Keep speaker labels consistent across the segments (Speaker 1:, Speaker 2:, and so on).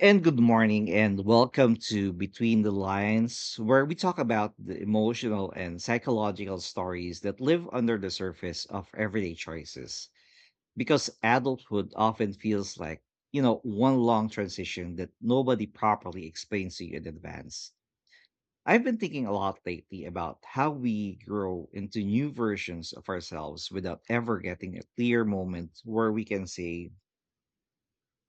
Speaker 1: And good morning, and welcome to Between the Lines, where we talk about the emotional and psychological stories that live under the surface of everyday choices. Because adulthood often feels like, one long transition that nobody properly explains to you in advance. I've been thinking a lot lately about how we grow into new versions of ourselves without ever getting a clear moment where we can say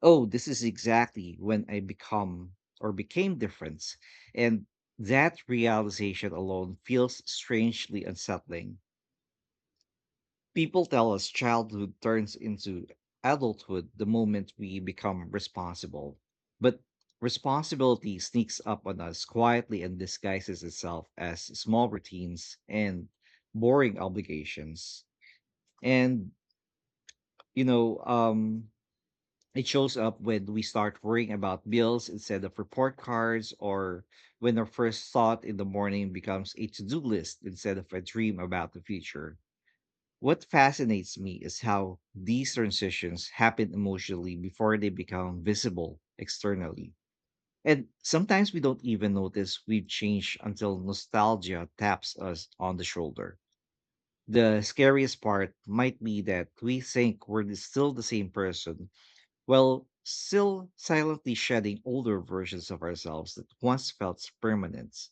Speaker 1: oh, this is exactly when I become or became different. And that realization alone feels strangely unsettling. People tell us childhood turns into adulthood the moment we become responsible. But responsibility sneaks up on us quietly and disguises itself as small routines and boring obligations. And, you know, um, It shows up when we start worrying about bills instead of report cards, or when our first thought in the morning becomes a to do list instead of a dream about the future. What fascinates me is how these transitions happen emotionally before they become visible externally. And sometimes we don't even notice we've changed until nostalgia taps us on the shoulder. The scariest part might be that we think still the same person while still silently shedding older versions of ourselves that once felt permanent.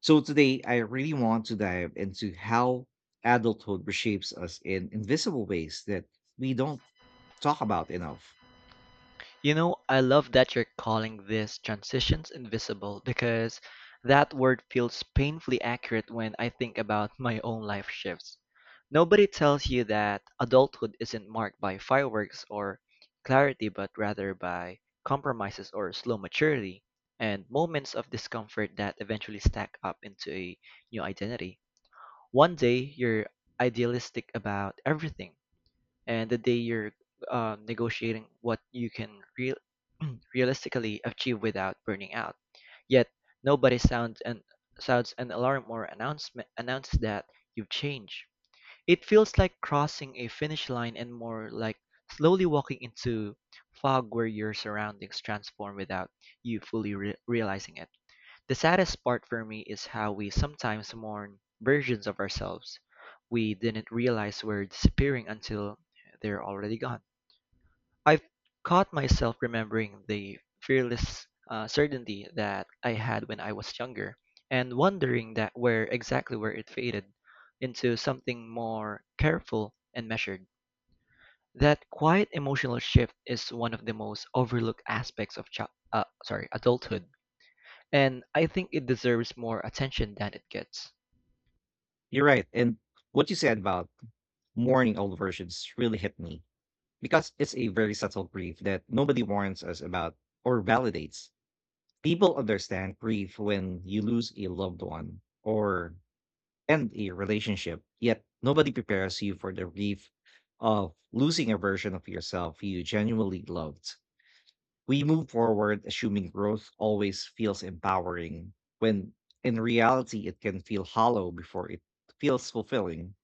Speaker 1: So today, I really want to dive into how adulthood reshapes us in invisible ways that we don't talk about enough.
Speaker 2: You know, I love that you're calling these transitions invisible because that word feels painfully accurate when I think about my own life shifts. Nobody tells you that adulthood isn't marked by fireworks or clarity, but rather by compromises or slow maturity and moments of discomfort that eventually stack up into a new identity. One day, you're idealistic about everything and the day you're negotiating what you can real realistically achieve without burning out. Yet nobody sounds an alarm or announcement announces that you've changed. It feels like crossing a finish line and more like slowly walking into fog where your surroundings transform without you fully realizing it. The saddest part for me is how we sometimes mourn versions of ourselves we didn't realize were disappearing until they're already gone. I've caught myself remembering the fearless certainty that I had when I was younger and wondering that where exactly where it faded into something more careful and measured. That quiet emotional shift is one of the most overlooked aspects of adulthood and I think it deserves more attention than it gets.
Speaker 1: You're right. And what you said about mourning old versions really hit me because it's a very subtle grief that nobody warns us about or validates. People understand grief when you lose a loved one or and a relationship, yet nobody prepares you for the grief of losing a version of yourself you genuinely loved. We move forward assuming growth always feels empowering, when in reality, it can feel hollow before it feels fulfilling.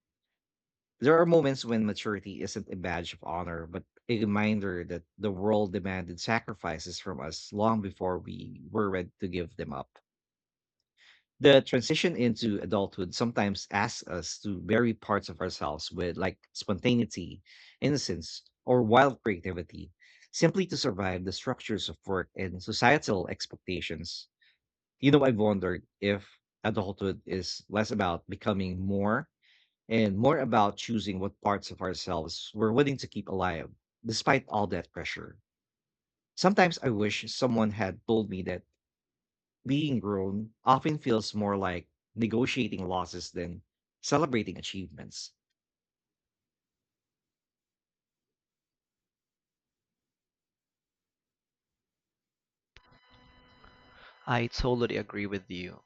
Speaker 1: There are moments when maturity isn't a badge of honor, but a reminder that the world demanded sacrifices from us long before we were ready to give them up. The transition into adulthood sometimes asks us to vary parts of ourselves with like spontaneity, innocence, or wild creativity, simply to survive the structures of work and societal expectations. I've wondered if adulthood is less about becoming more and more about choosing what parts of ourselves we're willing to keep alive, despite all that pressure. Sometimes I wish someone had told me that being grown often feels more like negotiating losses than celebrating achievements.
Speaker 2: I totally agree with you.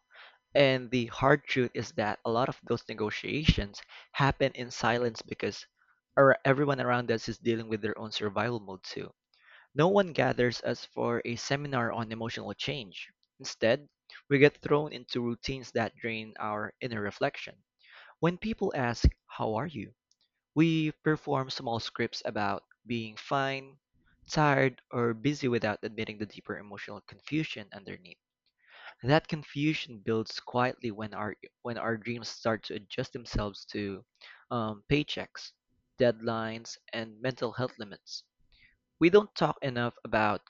Speaker 2: And the hard truth is that a lot of those negotiations happen in silence because everyone around us is dealing with their own survival mode too. No one gathers us for a seminar on emotional change. Instead, we get thrown into routines that drain our inner reflection. When people ask, How are you? We perform small scripts about being fine, tired, or busy without admitting the deeper emotional confusion underneath. That confusion builds quietly when our dreams start to adjust themselves to paychecks, deadlines, and mental health limits. We don't talk enough about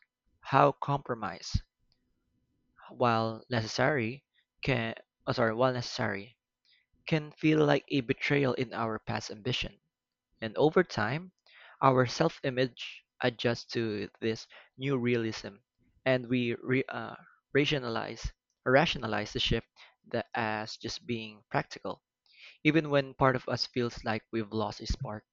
Speaker 2: how compromise, while necessary, can while necessary, can feel like a betrayal in our past ambition. And over time, our self image adjusts to this new realism, and we rationalize, rationalize the shift that as just being practical, even when part of us feels like we've lost a spark.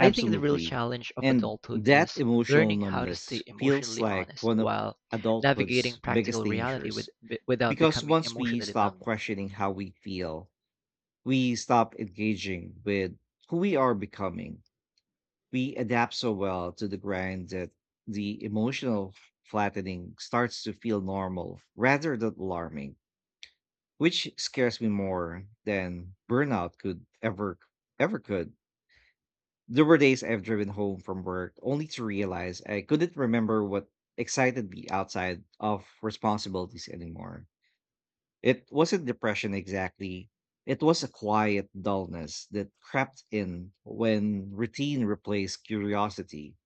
Speaker 2: I think the real challenge of
Speaker 1: And
Speaker 2: adulthood
Speaker 1: that
Speaker 2: is
Speaker 1: emotional
Speaker 2: learning how to
Speaker 1: numbness
Speaker 2: stay
Speaker 1: feels
Speaker 2: emotionally
Speaker 1: like
Speaker 2: honest
Speaker 1: one of
Speaker 2: while navigating
Speaker 1: adulthood's biggest
Speaker 2: practical reality
Speaker 1: dangers
Speaker 2: without
Speaker 1: because
Speaker 2: becoming
Speaker 1: once we
Speaker 2: emotionally
Speaker 1: stop
Speaker 2: numb.
Speaker 1: questioning how we feel, we stop engaging with who we are becoming. We adapt so well to the grind that the emotional flattening starts to feel normal rather than alarming, which scares me more than burnout could ever ever could. There were days I've driven home from work only to realize I couldn't remember what excited me outside of responsibilities anymore. It wasn't depression exactly. It was a quiet dullness that crept in when routine replaced curiosity.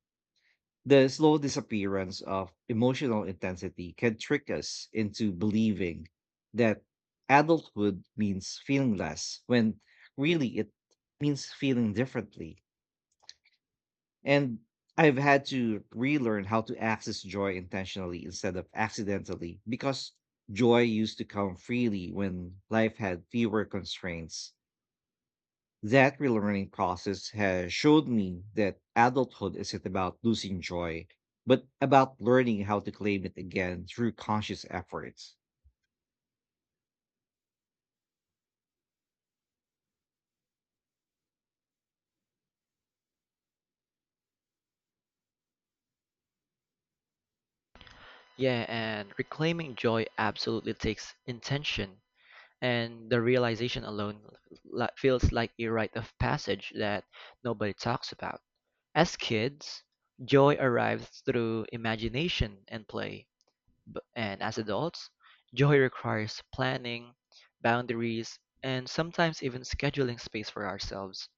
Speaker 1: The slow disappearance of emotional intensity can trick us into believing that adulthood means feeling less when really it means feeling differently. And I've had to relearn how to access joy intentionally instead of accidentally because joy used to come freely when life had fewer constraints. That relearning process has showed me that adulthood isn't about losing joy, but about learning how to claim it again through conscious efforts.
Speaker 2: Yeah, and reclaiming joy absolutely takes intention, and the realization alone feels like a rite of passage that nobody talks about. As kids, joy arrives through imagination and play, and as adults, joy requires planning, boundaries, and sometimes even scheduling space for ourselves.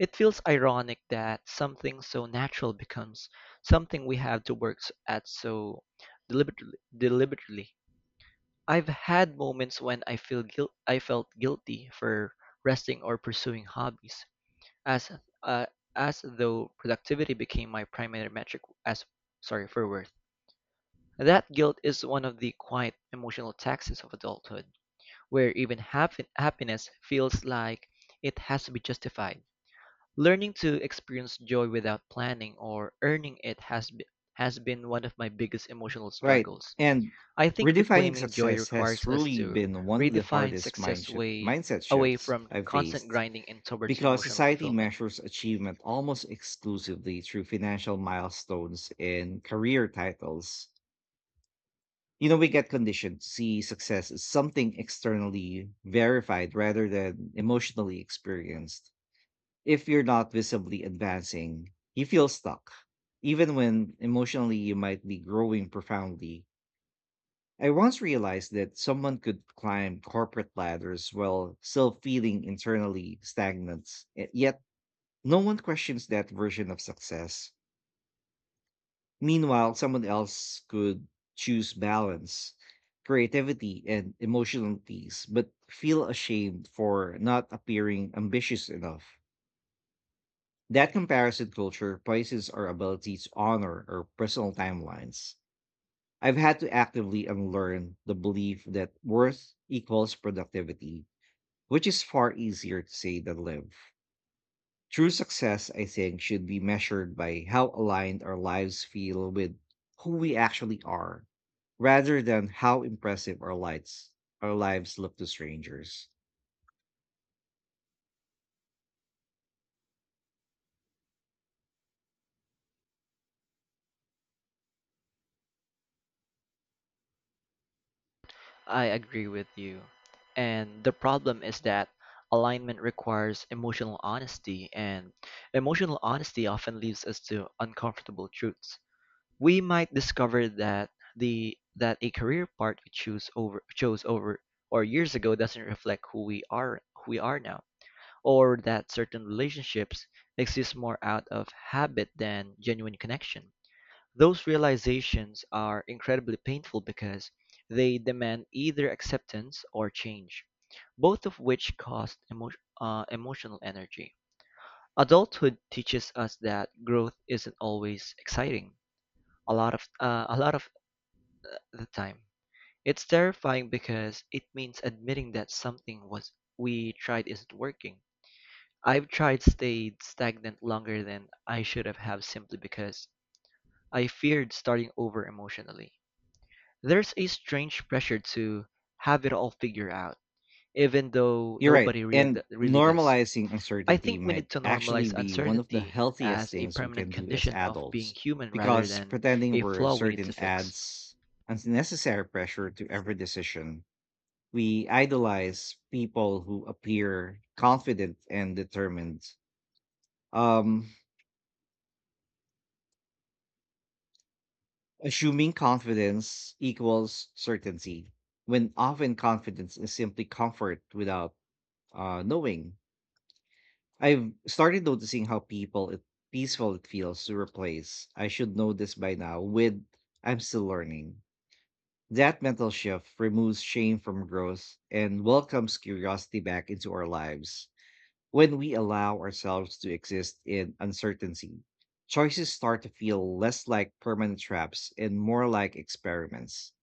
Speaker 2: It feels ironic that something so natural becomes something we have to work s- at so deliberately. I've had moments when I felt guilty for resting or pursuing hobbies as uh, as though productivity became my primary metric as sorry for worth. That guilt is one of the quiet emotional taxes of adulthood where even happiness feels like it has to be justified. Learning to experience joy without planning or earning it has been one of my biggest emotional
Speaker 1: Right.
Speaker 2: struggles.
Speaker 1: And
Speaker 2: I think
Speaker 1: redefining
Speaker 2: reclaiming joy
Speaker 1: success has
Speaker 2: requires us
Speaker 1: truly
Speaker 2: to
Speaker 1: been one of the
Speaker 2: redefine
Speaker 1: hardest
Speaker 2: success way
Speaker 1: mindset
Speaker 2: away
Speaker 1: shifts
Speaker 2: from
Speaker 1: I've
Speaker 2: constant
Speaker 1: faced.
Speaker 2: grinding and towards
Speaker 1: Because
Speaker 2: emotional
Speaker 1: society
Speaker 2: fulfillment.
Speaker 1: measures achievement almost exclusively through financial milestones and career titles. We get conditioned to see success as something externally verified rather than emotionally experienced. If you're not visibly advancing, you feel stuck, even when emotionally you might be growing profoundly. I once realized that someone could climb corporate ladders while still feeling internally stagnant, yet no one questions that version of success. Meanwhile, someone else could choose balance, creativity, and emotional peace, but feel ashamed for not appearing ambitious enough. That comparison culture places our ability to honor our personal timelines. I've had to actively unlearn the belief that worth equals productivity, which is far easier to say than live. True success, I think, should be measured by how aligned our lives feel with who we actually are, rather than how impressive our lives look to strangers.
Speaker 2: I agree with you. And the problem is that alignment requires emotional honesty and emotional honesty often leads us to uncomfortable truths. We might discover that the that a career path we choose over chose over or years ago doesn't reflect who we are now, or that certain relationships exist more out of habit than genuine connection. Those realizations are incredibly painful because they demand either acceptance or change, both of which cost emotional energy. Adulthood teaches us that growth isn't always exciting. A lot of the time. It's terrifying because it means admitting that something was we tried isn't working. I've tried stayed stagnant longer than I should have simply because I feared starting over emotionally. There's a strange pressure to have it all figured out, even though
Speaker 1: You're right.
Speaker 2: nobody
Speaker 1: And
Speaker 2: really does.
Speaker 1: normalizing
Speaker 2: I
Speaker 1: uncertainty
Speaker 2: think we
Speaker 1: might
Speaker 2: need to
Speaker 1: actually
Speaker 2: normalize
Speaker 1: be one of the
Speaker 2: uncertainty
Speaker 1: healthiest
Speaker 2: as a
Speaker 1: things we
Speaker 2: permanent
Speaker 1: can do as
Speaker 2: condition of being
Speaker 1: adults,
Speaker 2: human rather
Speaker 1: because
Speaker 2: than
Speaker 1: pretending
Speaker 2: a
Speaker 1: we're
Speaker 2: flaw we need to
Speaker 1: certain
Speaker 2: fix.
Speaker 1: adds unnecessary pressure to every decision. We idolize people who appear confident and determined. Um, Assuming confidence equals certainty, when often confidence is simply comfort without knowing. I've started noticing how peaceful it feels to replace "I should know this by now" with "I'm still learning." That mental shift removes shame from growth and welcomes curiosity back into our lives. When we allow ourselves to exist in uncertainty, choices start to feel less like permanent traps and more like experiments.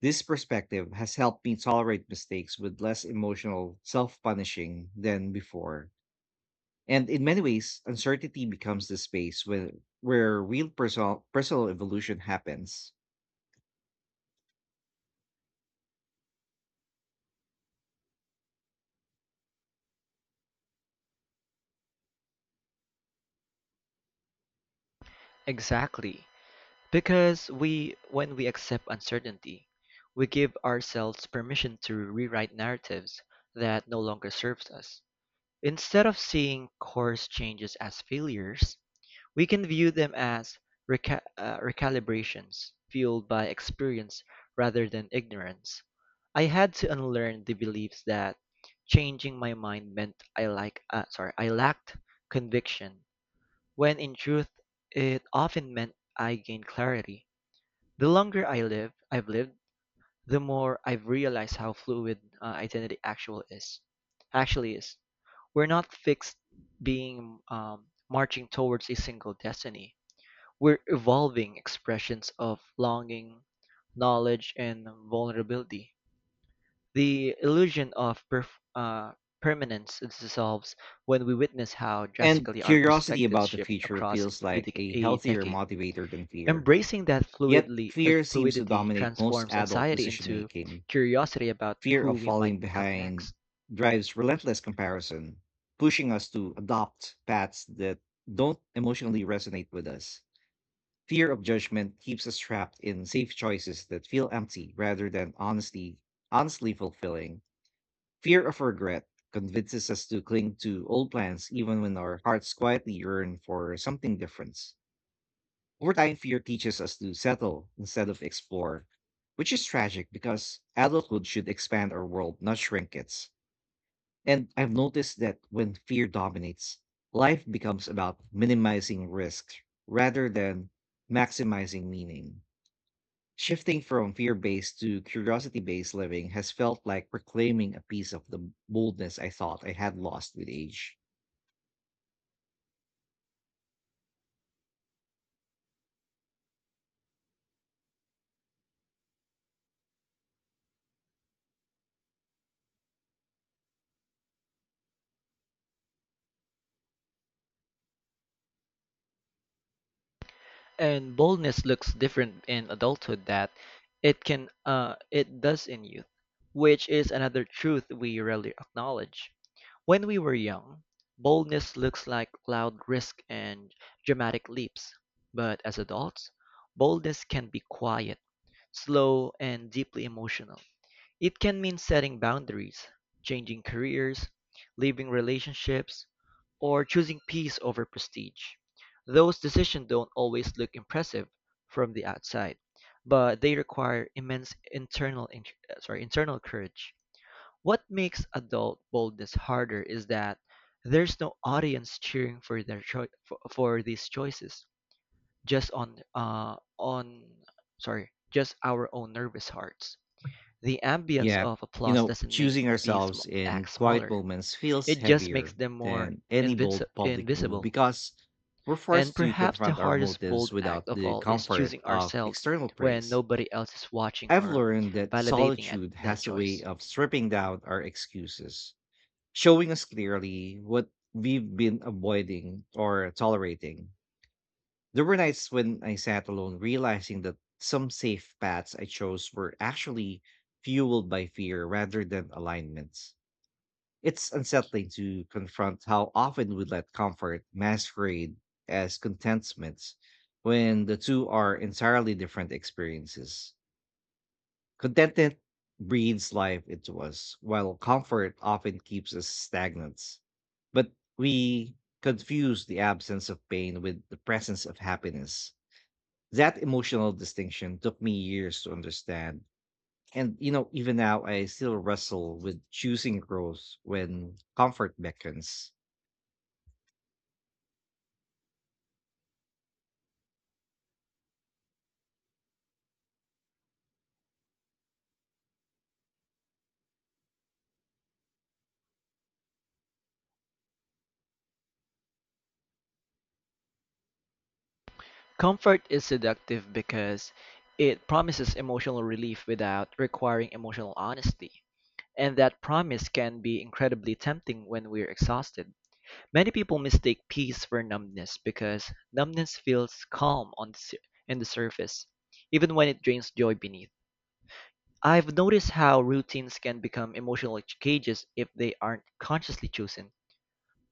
Speaker 1: This perspective has helped me tolerate mistakes with less emotional self punishing than before. And in many ways, uncertainty becomes the space where real personal evolution happens.
Speaker 2: Exactly. Because when we accept uncertainty, we give ourselves permission to rewrite narratives that no longer serves us. Instead of seeing course changes as failures, we can view them as recalibrations fueled by experience rather than ignorance. I had to unlearn the beliefs that changing my mind meant I lacked conviction, when in truth it often meant I gained clarity. The longer I live, I've lived, the more I've realized how fluid identity actually is. We're not fixed being marching towards a single destiny. We're evolving expressions of longing, knowledge, and vulnerability. The illusion of permanence dissolves when we witness how
Speaker 1: And
Speaker 2: drastically our
Speaker 1: curiosity
Speaker 2: perspectives
Speaker 1: about the
Speaker 2: shift
Speaker 1: future
Speaker 2: across
Speaker 1: feels like a
Speaker 2: a
Speaker 1: healthier
Speaker 2: decade.
Speaker 1: motivator than fear.
Speaker 2: Embracing that
Speaker 1: Yet, fear seems to
Speaker 2: fluidity
Speaker 1: dominate most
Speaker 2: transforms
Speaker 1: adult
Speaker 2: anxiety
Speaker 1: decision
Speaker 2: into
Speaker 1: making.
Speaker 2: curiosity about
Speaker 1: Fear
Speaker 2: who
Speaker 1: of
Speaker 2: we might
Speaker 1: falling
Speaker 2: become
Speaker 1: behind
Speaker 2: next.
Speaker 1: drives relentless comparison, pushing us to adopt paths that don't emotionally resonate with us. Fear of judgment keeps us trapped in safe choices that feel empty rather than honestly fulfilling. Fear of regret convinces us to cling to old plans even when our hearts quietly yearn for something different. Over time, fear teaches us to settle instead of explore, which is tragic because adulthood should expand our world, not shrink it. And I've noticed that when fear dominates, life becomes about minimizing risk rather than maximizing meaning. Shifting from fear based to curiosity based living has felt like reclaiming a piece of the boldness I thought I had lost with age.
Speaker 2: And boldness looks different in adulthood that it can it does in youth, which is another truth we rarely acknowledge. When we were young, boldness looks like loud risk and dramatic leaps. But as adults, boldness can be quiet, slow, and deeply emotional. It can mean setting boundaries, changing careers, leaving relationships, or choosing peace over prestige. Those decisions don't always look impressive from the outside, but they require immense internal courage. What makes adult boldness harder is that there's no audience cheering for for these choices, just just our own nervous hearts. The ambience
Speaker 1: Yeah,
Speaker 2: of applause doesn't make
Speaker 1: choosing
Speaker 2: these
Speaker 1: ourselves in
Speaker 2: acts
Speaker 1: quiet
Speaker 2: smaller.
Speaker 1: moments feels
Speaker 2: It just makes
Speaker 1: heavier
Speaker 2: them more
Speaker 1: than any bold public move
Speaker 2: invisible.
Speaker 1: because we're
Speaker 2: And
Speaker 1: forced to
Speaker 2: perhaps the
Speaker 1: confront our
Speaker 2: hardest
Speaker 1: motives
Speaker 2: bold
Speaker 1: without
Speaker 2: act of
Speaker 1: the
Speaker 2: all is
Speaker 1: comfort
Speaker 2: choosing
Speaker 1: of
Speaker 2: ourselves
Speaker 1: external
Speaker 2: when
Speaker 1: praise.
Speaker 2: nobody else is watching
Speaker 1: I've
Speaker 2: or
Speaker 1: learned that
Speaker 2: validating at
Speaker 1: solitude
Speaker 2: that
Speaker 1: has a way
Speaker 2: choice.
Speaker 1: of stripping down our excuses, showing us clearly what we've been avoiding or tolerating. There were nights when I sat alone, realizing that some safe paths I chose were actually fueled by fear rather than alignments. It's unsettling to confront how often we let comfort masquerade as contentment when the two are entirely different experiences. Contentment breathes life into us, while comfort often keeps us stagnant. But we confuse the absence of pain with the presence of happiness. That emotional distinction took me years to understand. And even now, I still wrestle with choosing growth when comfort beckons.
Speaker 2: Comfort is seductive because it promises emotional relief without requiring emotional honesty. And that promise can be incredibly tempting when we're exhausted. Many people mistake peace for numbness because numbness feels calm in the surface, even when it drains joy beneath. I've noticed how routines can become emotional cages if they aren't consciously chosen,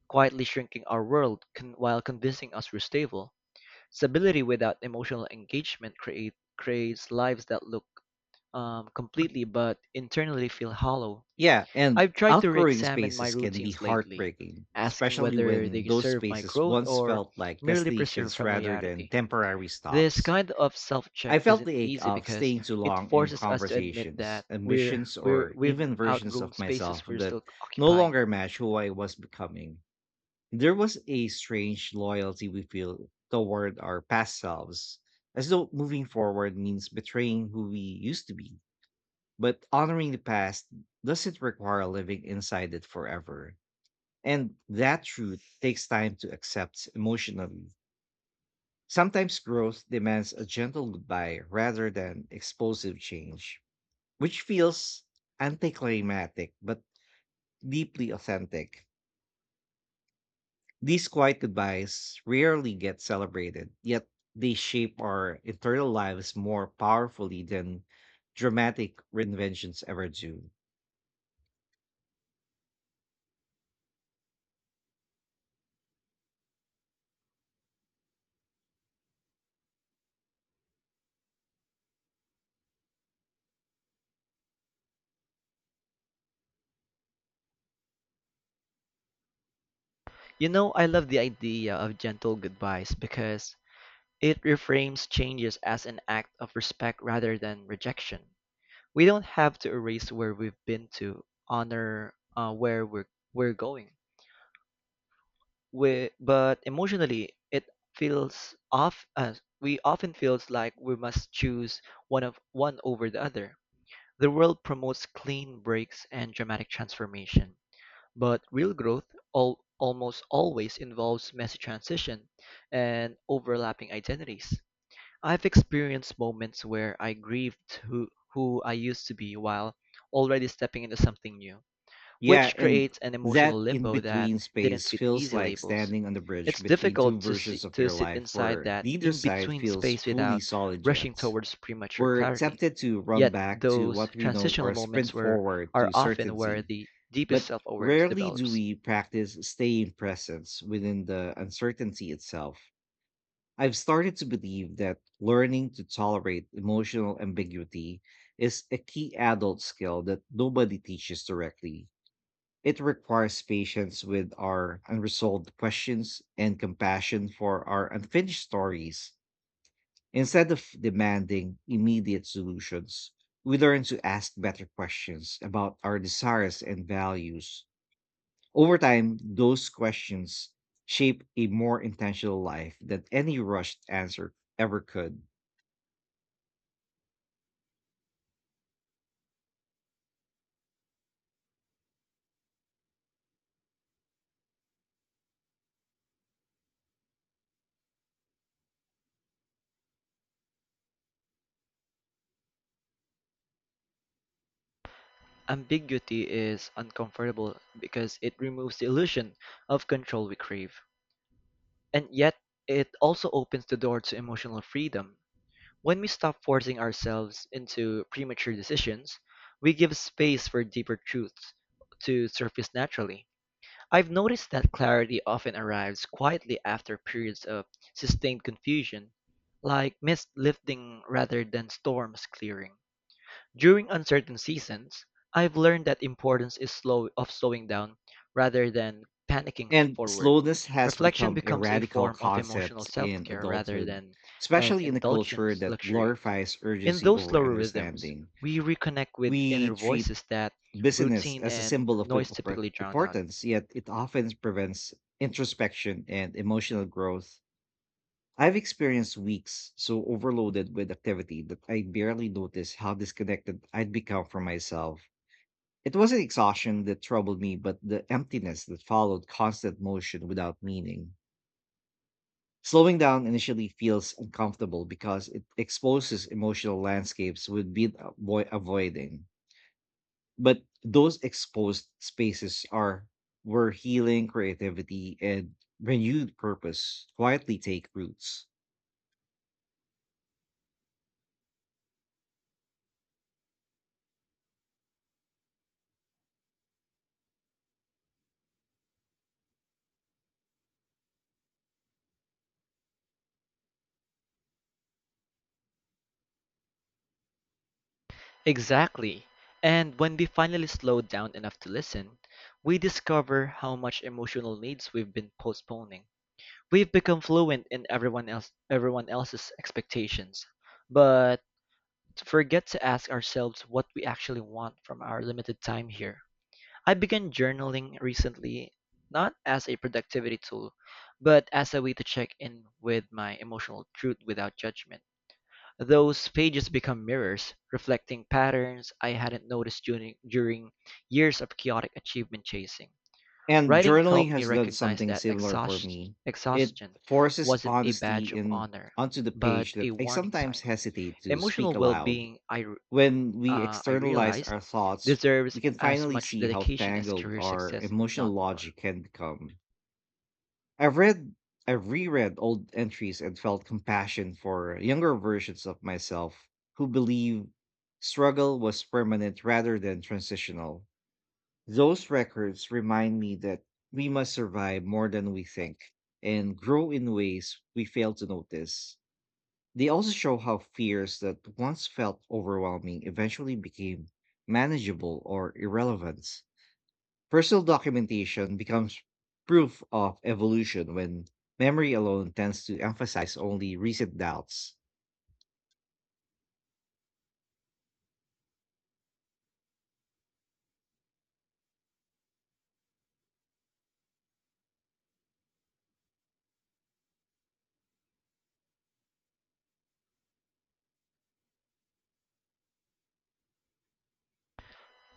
Speaker 2: quietly shrinking our world while convincing us we're stable. Stability without emotional engagement creates lives that look completely but internally feel hollow.
Speaker 1: Yeah. And
Speaker 2: I've tried to
Speaker 1: outgrowing
Speaker 2: re-examine my
Speaker 1: spaces can be
Speaker 2: routines lately,
Speaker 1: heartbreaking,
Speaker 2: asking
Speaker 1: especially
Speaker 2: whether
Speaker 1: when
Speaker 2: they
Speaker 1: those
Speaker 2: serve my
Speaker 1: spaces
Speaker 2: growth
Speaker 1: once
Speaker 2: or
Speaker 1: felt like
Speaker 2: merely preserve
Speaker 1: destinations rather than
Speaker 2: familiarity.
Speaker 1: temporary
Speaker 2: This
Speaker 1: stops.
Speaker 2: kind of
Speaker 1: I
Speaker 2: self-check
Speaker 1: felt
Speaker 2: isn't
Speaker 1: the ache
Speaker 2: easy
Speaker 1: of
Speaker 2: because
Speaker 1: staying too
Speaker 2: it
Speaker 1: long in
Speaker 2: forces us to admit
Speaker 1: conversations,
Speaker 2: that
Speaker 1: ambitions, or
Speaker 2: we've
Speaker 1: even versions
Speaker 2: outgrown
Speaker 1: of myself
Speaker 2: spaces we're
Speaker 1: that
Speaker 2: still
Speaker 1: no
Speaker 2: occupying.
Speaker 1: longer match who I was becoming. There was a strange loyalty we feel toward our past selves, as though moving forward means betraying who we used to be. But honoring the past doesn't require living inside it forever. And that truth takes time to accept emotionally. Sometimes growth demands a gentle goodbye rather than explosive change, which feels anticlimactic but deeply authentic. These quiet goodbyes rarely get celebrated, yet they shape our internal lives more powerfully than dramatic reinventions ever do.
Speaker 2: You know, I love the idea of gentle goodbyes because it reframes changes as an act of respect rather than rejection. We don't have to erase where we've been to honor where we're going. But emotionally, it feels off. We often feels like we must choose one over the other. The world promotes clean breaks and dramatic transformation, but real growth almost always involves messy transition and overlapping identities. I've experienced moments where I grieved who I used to be while already stepping into something new
Speaker 1: Yeah,
Speaker 2: which
Speaker 1: and
Speaker 2: creates an emotional
Speaker 1: that in
Speaker 2: limbo that
Speaker 1: between
Speaker 2: didn't
Speaker 1: space
Speaker 2: fit
Speaker 1: feels
Speaker 2: easy
Speaker 1: like
Speaker 2: labels.
Speaker 1: standing on the bridge
Speaker 2: It's
Speaker 1: between
Speaker 2: difficult
Speaker 1: two versions of
Speaker 2: to
Speaker 1: your
Speaker 2: sit
Speaker 1: life
Speaker 2: inside
Speaker 1: where
Speaker 2: that
Speaker 1: neither side
Speaker 2: in-between
Speaker 1: feels
Speaker 2: space
Speaker 1: fully
Speaker 2: without
Speaker 1: solid
Speaker 2: rushing
Speaker 1: yet.
Speaker 2: towards premature
Speaker 1: We're
Speaker 2: clarity.
Speaker 1: tempted to run
Speaker 2: Yet
Speaker 1: back to
Speaker 2: those
Speaker 1: what we know
Speaker 2: transitional
Speaker 1: or sprint
Speaker 2: moments were
Speaker 1: forward
Speaker 2: are
Speaker 1: to
Speaker 2: often where
Speaker 1: certainty,
Speaker 2: the deepest
Speaker 1: but
Speaker 2: self-awareness
Speaker 1: rarely do
Speaker 2: develops.
Speaker 1: we practice staying present within the uncertainty itself. I've started to believe that learning to tolerate emotional ambiguity is a key adult skill that nobody teaches directly. It requires patience with our unresolved questions and compassion for our unfinished stories. Instead of demanding immediate solutions, we learn to ask better questions about our desires and values. Over time, those questions shape a more intentional life than any rushed answer ever could.
Speaker 2: Ambiguity is uncomfortable because it removes the illusion of control we crave. And yet it also opens the door to emotional freedom. When we stop forcing ourselves into premature decisions, we give space for deeper truths to surface naturally. I've noticed that clarity often arrives quietly after periods of sustained confusion, like mist lifting rather than storms clearing. During uncertain seasons, I've learned that importance is slowing down rather than panicking
Speaker 1: And
Speaker 2: forward.
Speaker 1: slowness has
Speaker 2: Reflection
Speaker 1: become a
Speaker 2: becomes a
Speaker 1: radical
Speaker 2: form of emotional
Speaker 1: concept in
Speaker 2: self-care rather
Speaker 1: adulthood,
Speaker 2: than an
Speaker 1: especially in a
Speaker 2: indulgent
Speaker 1: culture that
Speaker 2: luxury.
Speaker 1: glorifies
Speaker 2: In
Speaker 1: urgency
Speaker 2: those
Speaker 1: over
Speaker 2: slower rhythms,
Speaker 1: understanding.
Speaker 2: we reconnect with
Speaker 1: We
Speaker 2: inner
Speaker 1: treat
Speaker 2: voices that
Speaker 1: busyness
Speaker 2: routine
Speaker 1: as a
Speaker 2: and
Speaker 1: symbol of
Speaker 2: noise typically drown out.
Speaker 1: importance, yet it often prevents introspection and emotional growth. I've experienced weeks so overloaded with activity that I barely noticed how disconnected I'd become from myself. It wasn't exhaustion that troubled me, but the emptiness that followed constant motion without meaning. Slowing down initially feels uncomfortable because it exposes emotional landscapes we've been avoiding. But those exposed spaces are where healing, creativity, and renewed purpose quietly take roots.
Speaker 2: Exactly. And when we finally slow down enough to listen, we discover how much emotional needs we've been postponing. We've become fluent in everyone else's expectations, but forget to ask ourselves what we actually want from our limited time here. I began journaling recently, not as a productivity tool, but as a way to check in with my emotional truth without judgment. Those pages become mirrors, reflecting patterns I hadn't noticed during years of chaotic achievement chasing.
Speaker 1: And
Speaker 2: Writing
Speaker 1: journaling
Speaker 2: helped me
Speaker 1: has done
Speaker 2: recognize
Speaker 1: something
Speaker 2: that
Speaker 1: similar for me. It
Speaker 2: exhaustion
Speaker 1: forces
Speaker 2: wasn't a
Speaker 1: honesty
Speaker 2: badge of
Speaker 1: in
Speaker 2: honor,
Speaker 1: onto the
Speaker 2: but
Speaker 1: page
Speaker 2: a
Speaker 1: that I
Speaker 2: warning
Speaker 1: sometimes
Speaker 2: sign.
Speaker 1: hesitate to speak
Speaker 2: Emotional well
Speaker 1: aloud.
Speaker 2: being
Speaker 1: When we
Speaker 2: I
Speaker 1: externalize
Speaker 2: realized
Speaker 1: our thoughts,
Speaker 2: deserves
Speaker 1: we can
Speaker 2: as
Speaker 1: finally
Speaker 2: much
Speaker 1: see how
Speaker 2: dedication as
Speaker 1: tangled
Speaker 2: career
Speaker 1: our
Speaker 2: success, if
Speaker 1: emotional
Speaker 2: not more.
Speaker 1: logic can become. I've read, I've reread old entries and felt compassion for younger versions of myself who believe struggle was permanent rather than transitional. Those records remind me that we must survive more than we think and grow in ways we fail to notice. They also show how fears that once felt overwhelming eventually became manageable or irrelevant. Personal documentation becomes proof of evolution when memory alone tends to emphasize only recent doubts.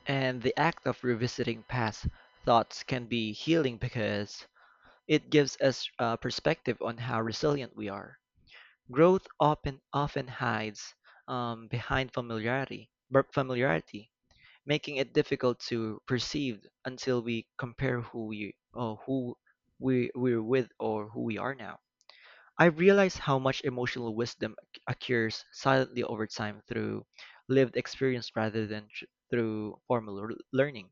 Speaker 2: And the act of revisiting past thoughts can be healing because it gives us a perspective on how resilient we are. Growth often hides behind familiarity, making it difficult to perceive until we compare who we're with or who we are now. I realize how much emotional wisdom accrues silently over time through lived experience rather than through formal learning.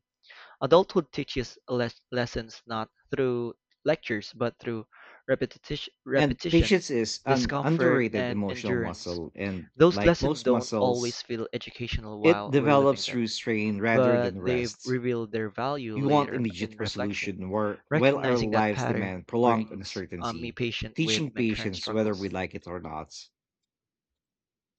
Speaker 2: Adulthood teaches lessons not through lectures but through
Speaker 1: And
Speaker 2: repetition,
Speaker 1: patience is an
Speaker 2: discomfort,
Speaker 1: underrated
Speaker 2: and
Speaker 1: emotional
Speaker 2: endurance.
Speaker 1: muscle, and
Speaker 2: Those
Speaker 1: like
Speaker 2: lessons
Speaker 1: most
Speaker 2: don't
Speaker 1: muscles,
Speaker 2: always feel educational
Speaker 1: it
Speaker 2: while we're living
Speaker 1: develops
Speaker 2: them.
Speaker 1: through strain rather
Speaker 2: But
Speaker 1: than
Speaker 2: they
Speaker 1: rest.
Speaker 2: reveal their value
Speaker 1: We want
Speaker 2: later
Speaker 1: immediate
Speaker 2: in reflection.
Speaker 1: resolution where, while our
Speaker 2: Recognizing that
Speaker 1: lives
Speaker 2: pattern
Speaker 1: demand prolonged
Speaker 2: brings me
Speaker 1: uncertainty,
Speaker 2: patient with
Speaker 1: teaching
Speaker 2: my current
Speaker 1: patience whether we
Speaker 2: struggles.
Speaker 1: like it or not.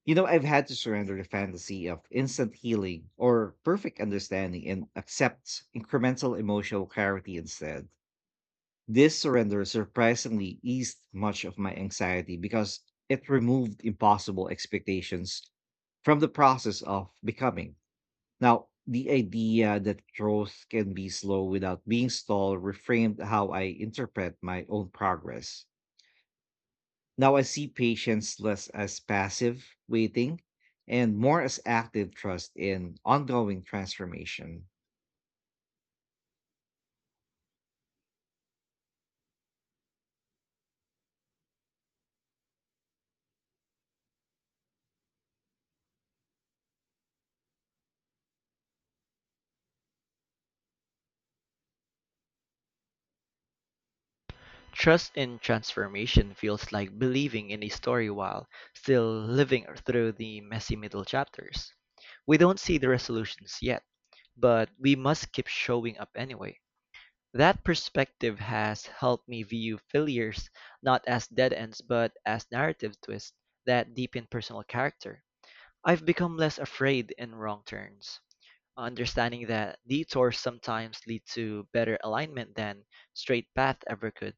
Speaker 1: I've had to surrender the fantasy of instant healing or perfect understanding and accept incremental emotional clarity instead. This surrender surprisingly eased much of my anxiety because it removed impossible expectations from the process of becoming. Now, the idea that growth can be slow without being stalled reframed how I interpret my own progress. Now I see patience less as passive waiting and more as active trust in ongoing transformation.
Speaker 2: Trust in transformation feels like believing in a story while still living through the messy middle chapters. We don't see the resolutions yet, but we must keep showing up anyway. That perspective has helped me view failures not as dead ends but as narrative twists that deepen personal character. I've become less afraid in wrong turns, understanding that detours sometimes lead to better alignment than straight path ever could.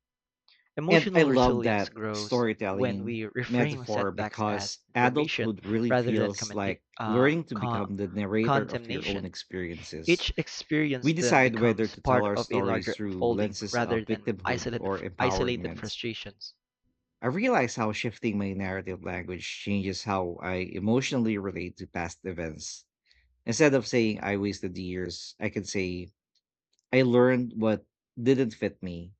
Speaker 1: And I
Speaker 2: Emotional
Speaker 1: love
Speaker 2: resilience
Speaker 1: that
Speaker 2: grows when
Speaker 1: storytelling
Speaker 2: we reframe
Speaker 1: metaphor
Speaker 2: setbacks as
Speaker 1: because
Speaker 2: information
Speaker 1: adulthood really
Speaker 2: rather than
Speaker 1: feels like learning to become the narrator of your own
Speaker 2: condemnation.
Speaker 1: experiences.
Speaker 2: Each experience
Speaker 1: We
Speaker 2: then
Speaker 1: decide whether
Speaker 2: becomes
Speaker 1: to tell
Speaker 2: part
Speaker 1: our
Speaker 2: of a
Speaker 1: stories
Speaker 2: larger
Speaker 1: through
Speaker 2: unfolding
Speaker 1: lenses
Speaker 2: rather
Speaker 1: of
Speaker 2: than
Speaker 1: victimhood or
Speaker 2: isolated
Speaker 1: empowerment.
Speaker 2: frustrations.
Speaker 1: I realize how shifting my narrative language changes how I emotionally relate to past events. Instead of saying I wasted years, I can say I learned what didn't fit me,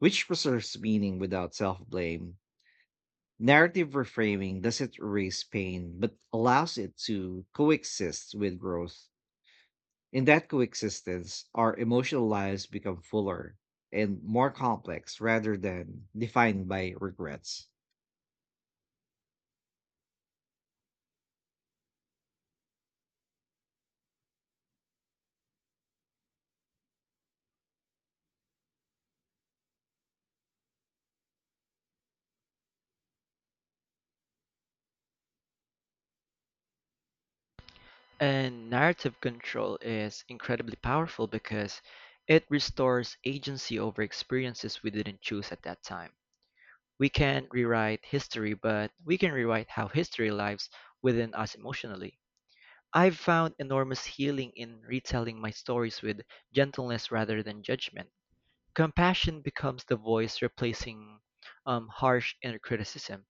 Speaker 1: which preserves meaning without self blame. Narrative reframing doesn't erase pain, but allows it to coexist with growth. In that coexistence, our emotional lives become fuller and more complex rather than defined by regrets.
Speaker 2: And narrative control is incredibly powerful because it restores agency over experiences we didn't choose at that time. We can't rewrite history, but we can rewrite how history lives within us emotionally. I've found enormous healing in retelling my stories with gentleness rather than judgment. Compassion becomes the voice replacing harsh inner criticism,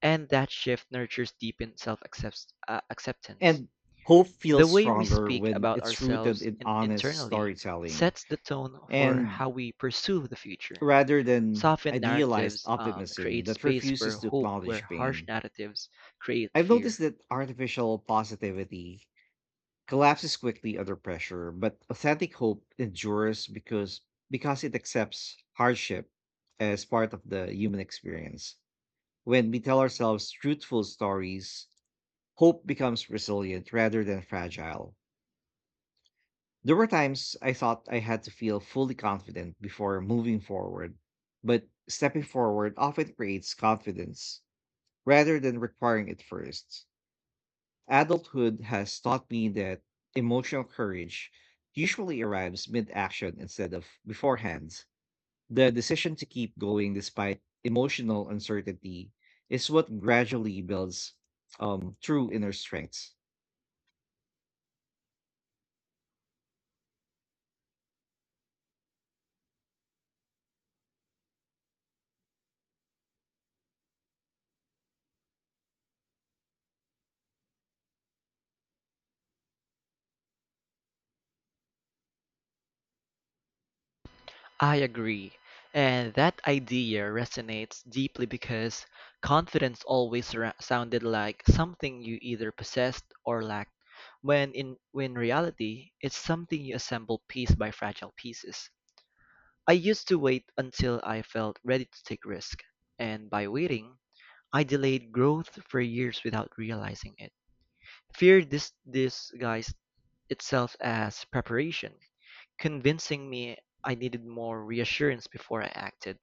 Speaker 2: and that shift nurtures deep in self acceptance.
Speaker 1: And hope
Speaker 2: The
Speaker 1: feels
Speaker 2: way we
Speaker 1: stronger
Speaker 2: speak
Speaker 1: when
Speaker 2: about
Speaker 1: it's rooted
Speaker 2: ourselves
Speaker 1: in honest
Speaker 2: internally
Speaker 1: storytelling
Speaker 2: sets the tone for
Speaker 1: and
Speaker 2: how we pursue the future.
Speaker 1: rather than
Speaker 2: Softened
Speaker 1: idealized
Speaker 2: narratives
Speaker 1: optimism
Speaker 2: create
Speaker 1: that
Speaker 2: space for
Speaker 1: refuses to
Speaker 2: hope, where
Speaker 1: acknowledge
Speaker 2: harsh
Speaker 1: pain.
Speaker 2: narratives create
Speaker 1: I've
Speaker 2: fear.
Speaker 1: noticed that artificial positivity collapses quickly under pressure, but authentic hope endures because it accepts hardship as part of the human experience. When we tell ourselves truthful stories, hope becomes resilient rather than fragile. There were times I thought I had to feel fully confident before moving forward, but stepping forward often creates confidence rather than requiring it first. Adulthood has taught me that emotional courage usually arrives mid action instead of beforehand. The decision to keep going despite emotional uncertainty is what gradually builds true inner strength.
Speaker 2: I agree. And that idea resonates deeply because confidence always sounded like something you either possessed or lacked, when reality, it's something you assemble piece by fragile pieces. I used to wait until I felt ready to take risk, and by waiting, I delayed growth for years without realizing it. Fear disguised itself as preparation, convincing me I needed more reassurance before I acted.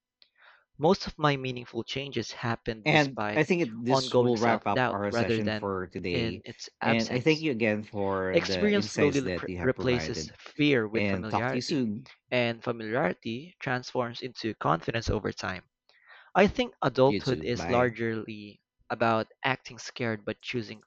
Speaker 2: Most of my meaningful changes happened
Speaker 1: And I
Speaker 2: despite
Speaker 1: think this
Speaker 2: ongoing
Speaker 1: will wrap
Speaker 2: self
Speaker 1: up
Speaker 2: doubt
Speaker 1: our
Speaker 2: rather
Speaker 1: session
Speaker 2: than
Speaker 1: for
Speaker 2: in
Speaker 1: today.
Speaker 2: its
Speaker 1: And I thank
Speaker 2: absence.
Speaker 1: you again for the
Speaker 2: Experience slowly
Speaker 1: insights that you have
Speaker 2: replaces
Speaker 1: provided.
Speaker 2: fear with
Speaker 1: And talk to you
Speaker 2: familiarity,
Speaker 1: soon.
Speaker 2: and familiarity transforms into confidence over time. I think
Speaker 1: You
Speaker 2: adulthood
Speaker 1: too.
Speaker 2: is
Speaker 1: Bye.
Speaker 2: largely about acting scared but choosing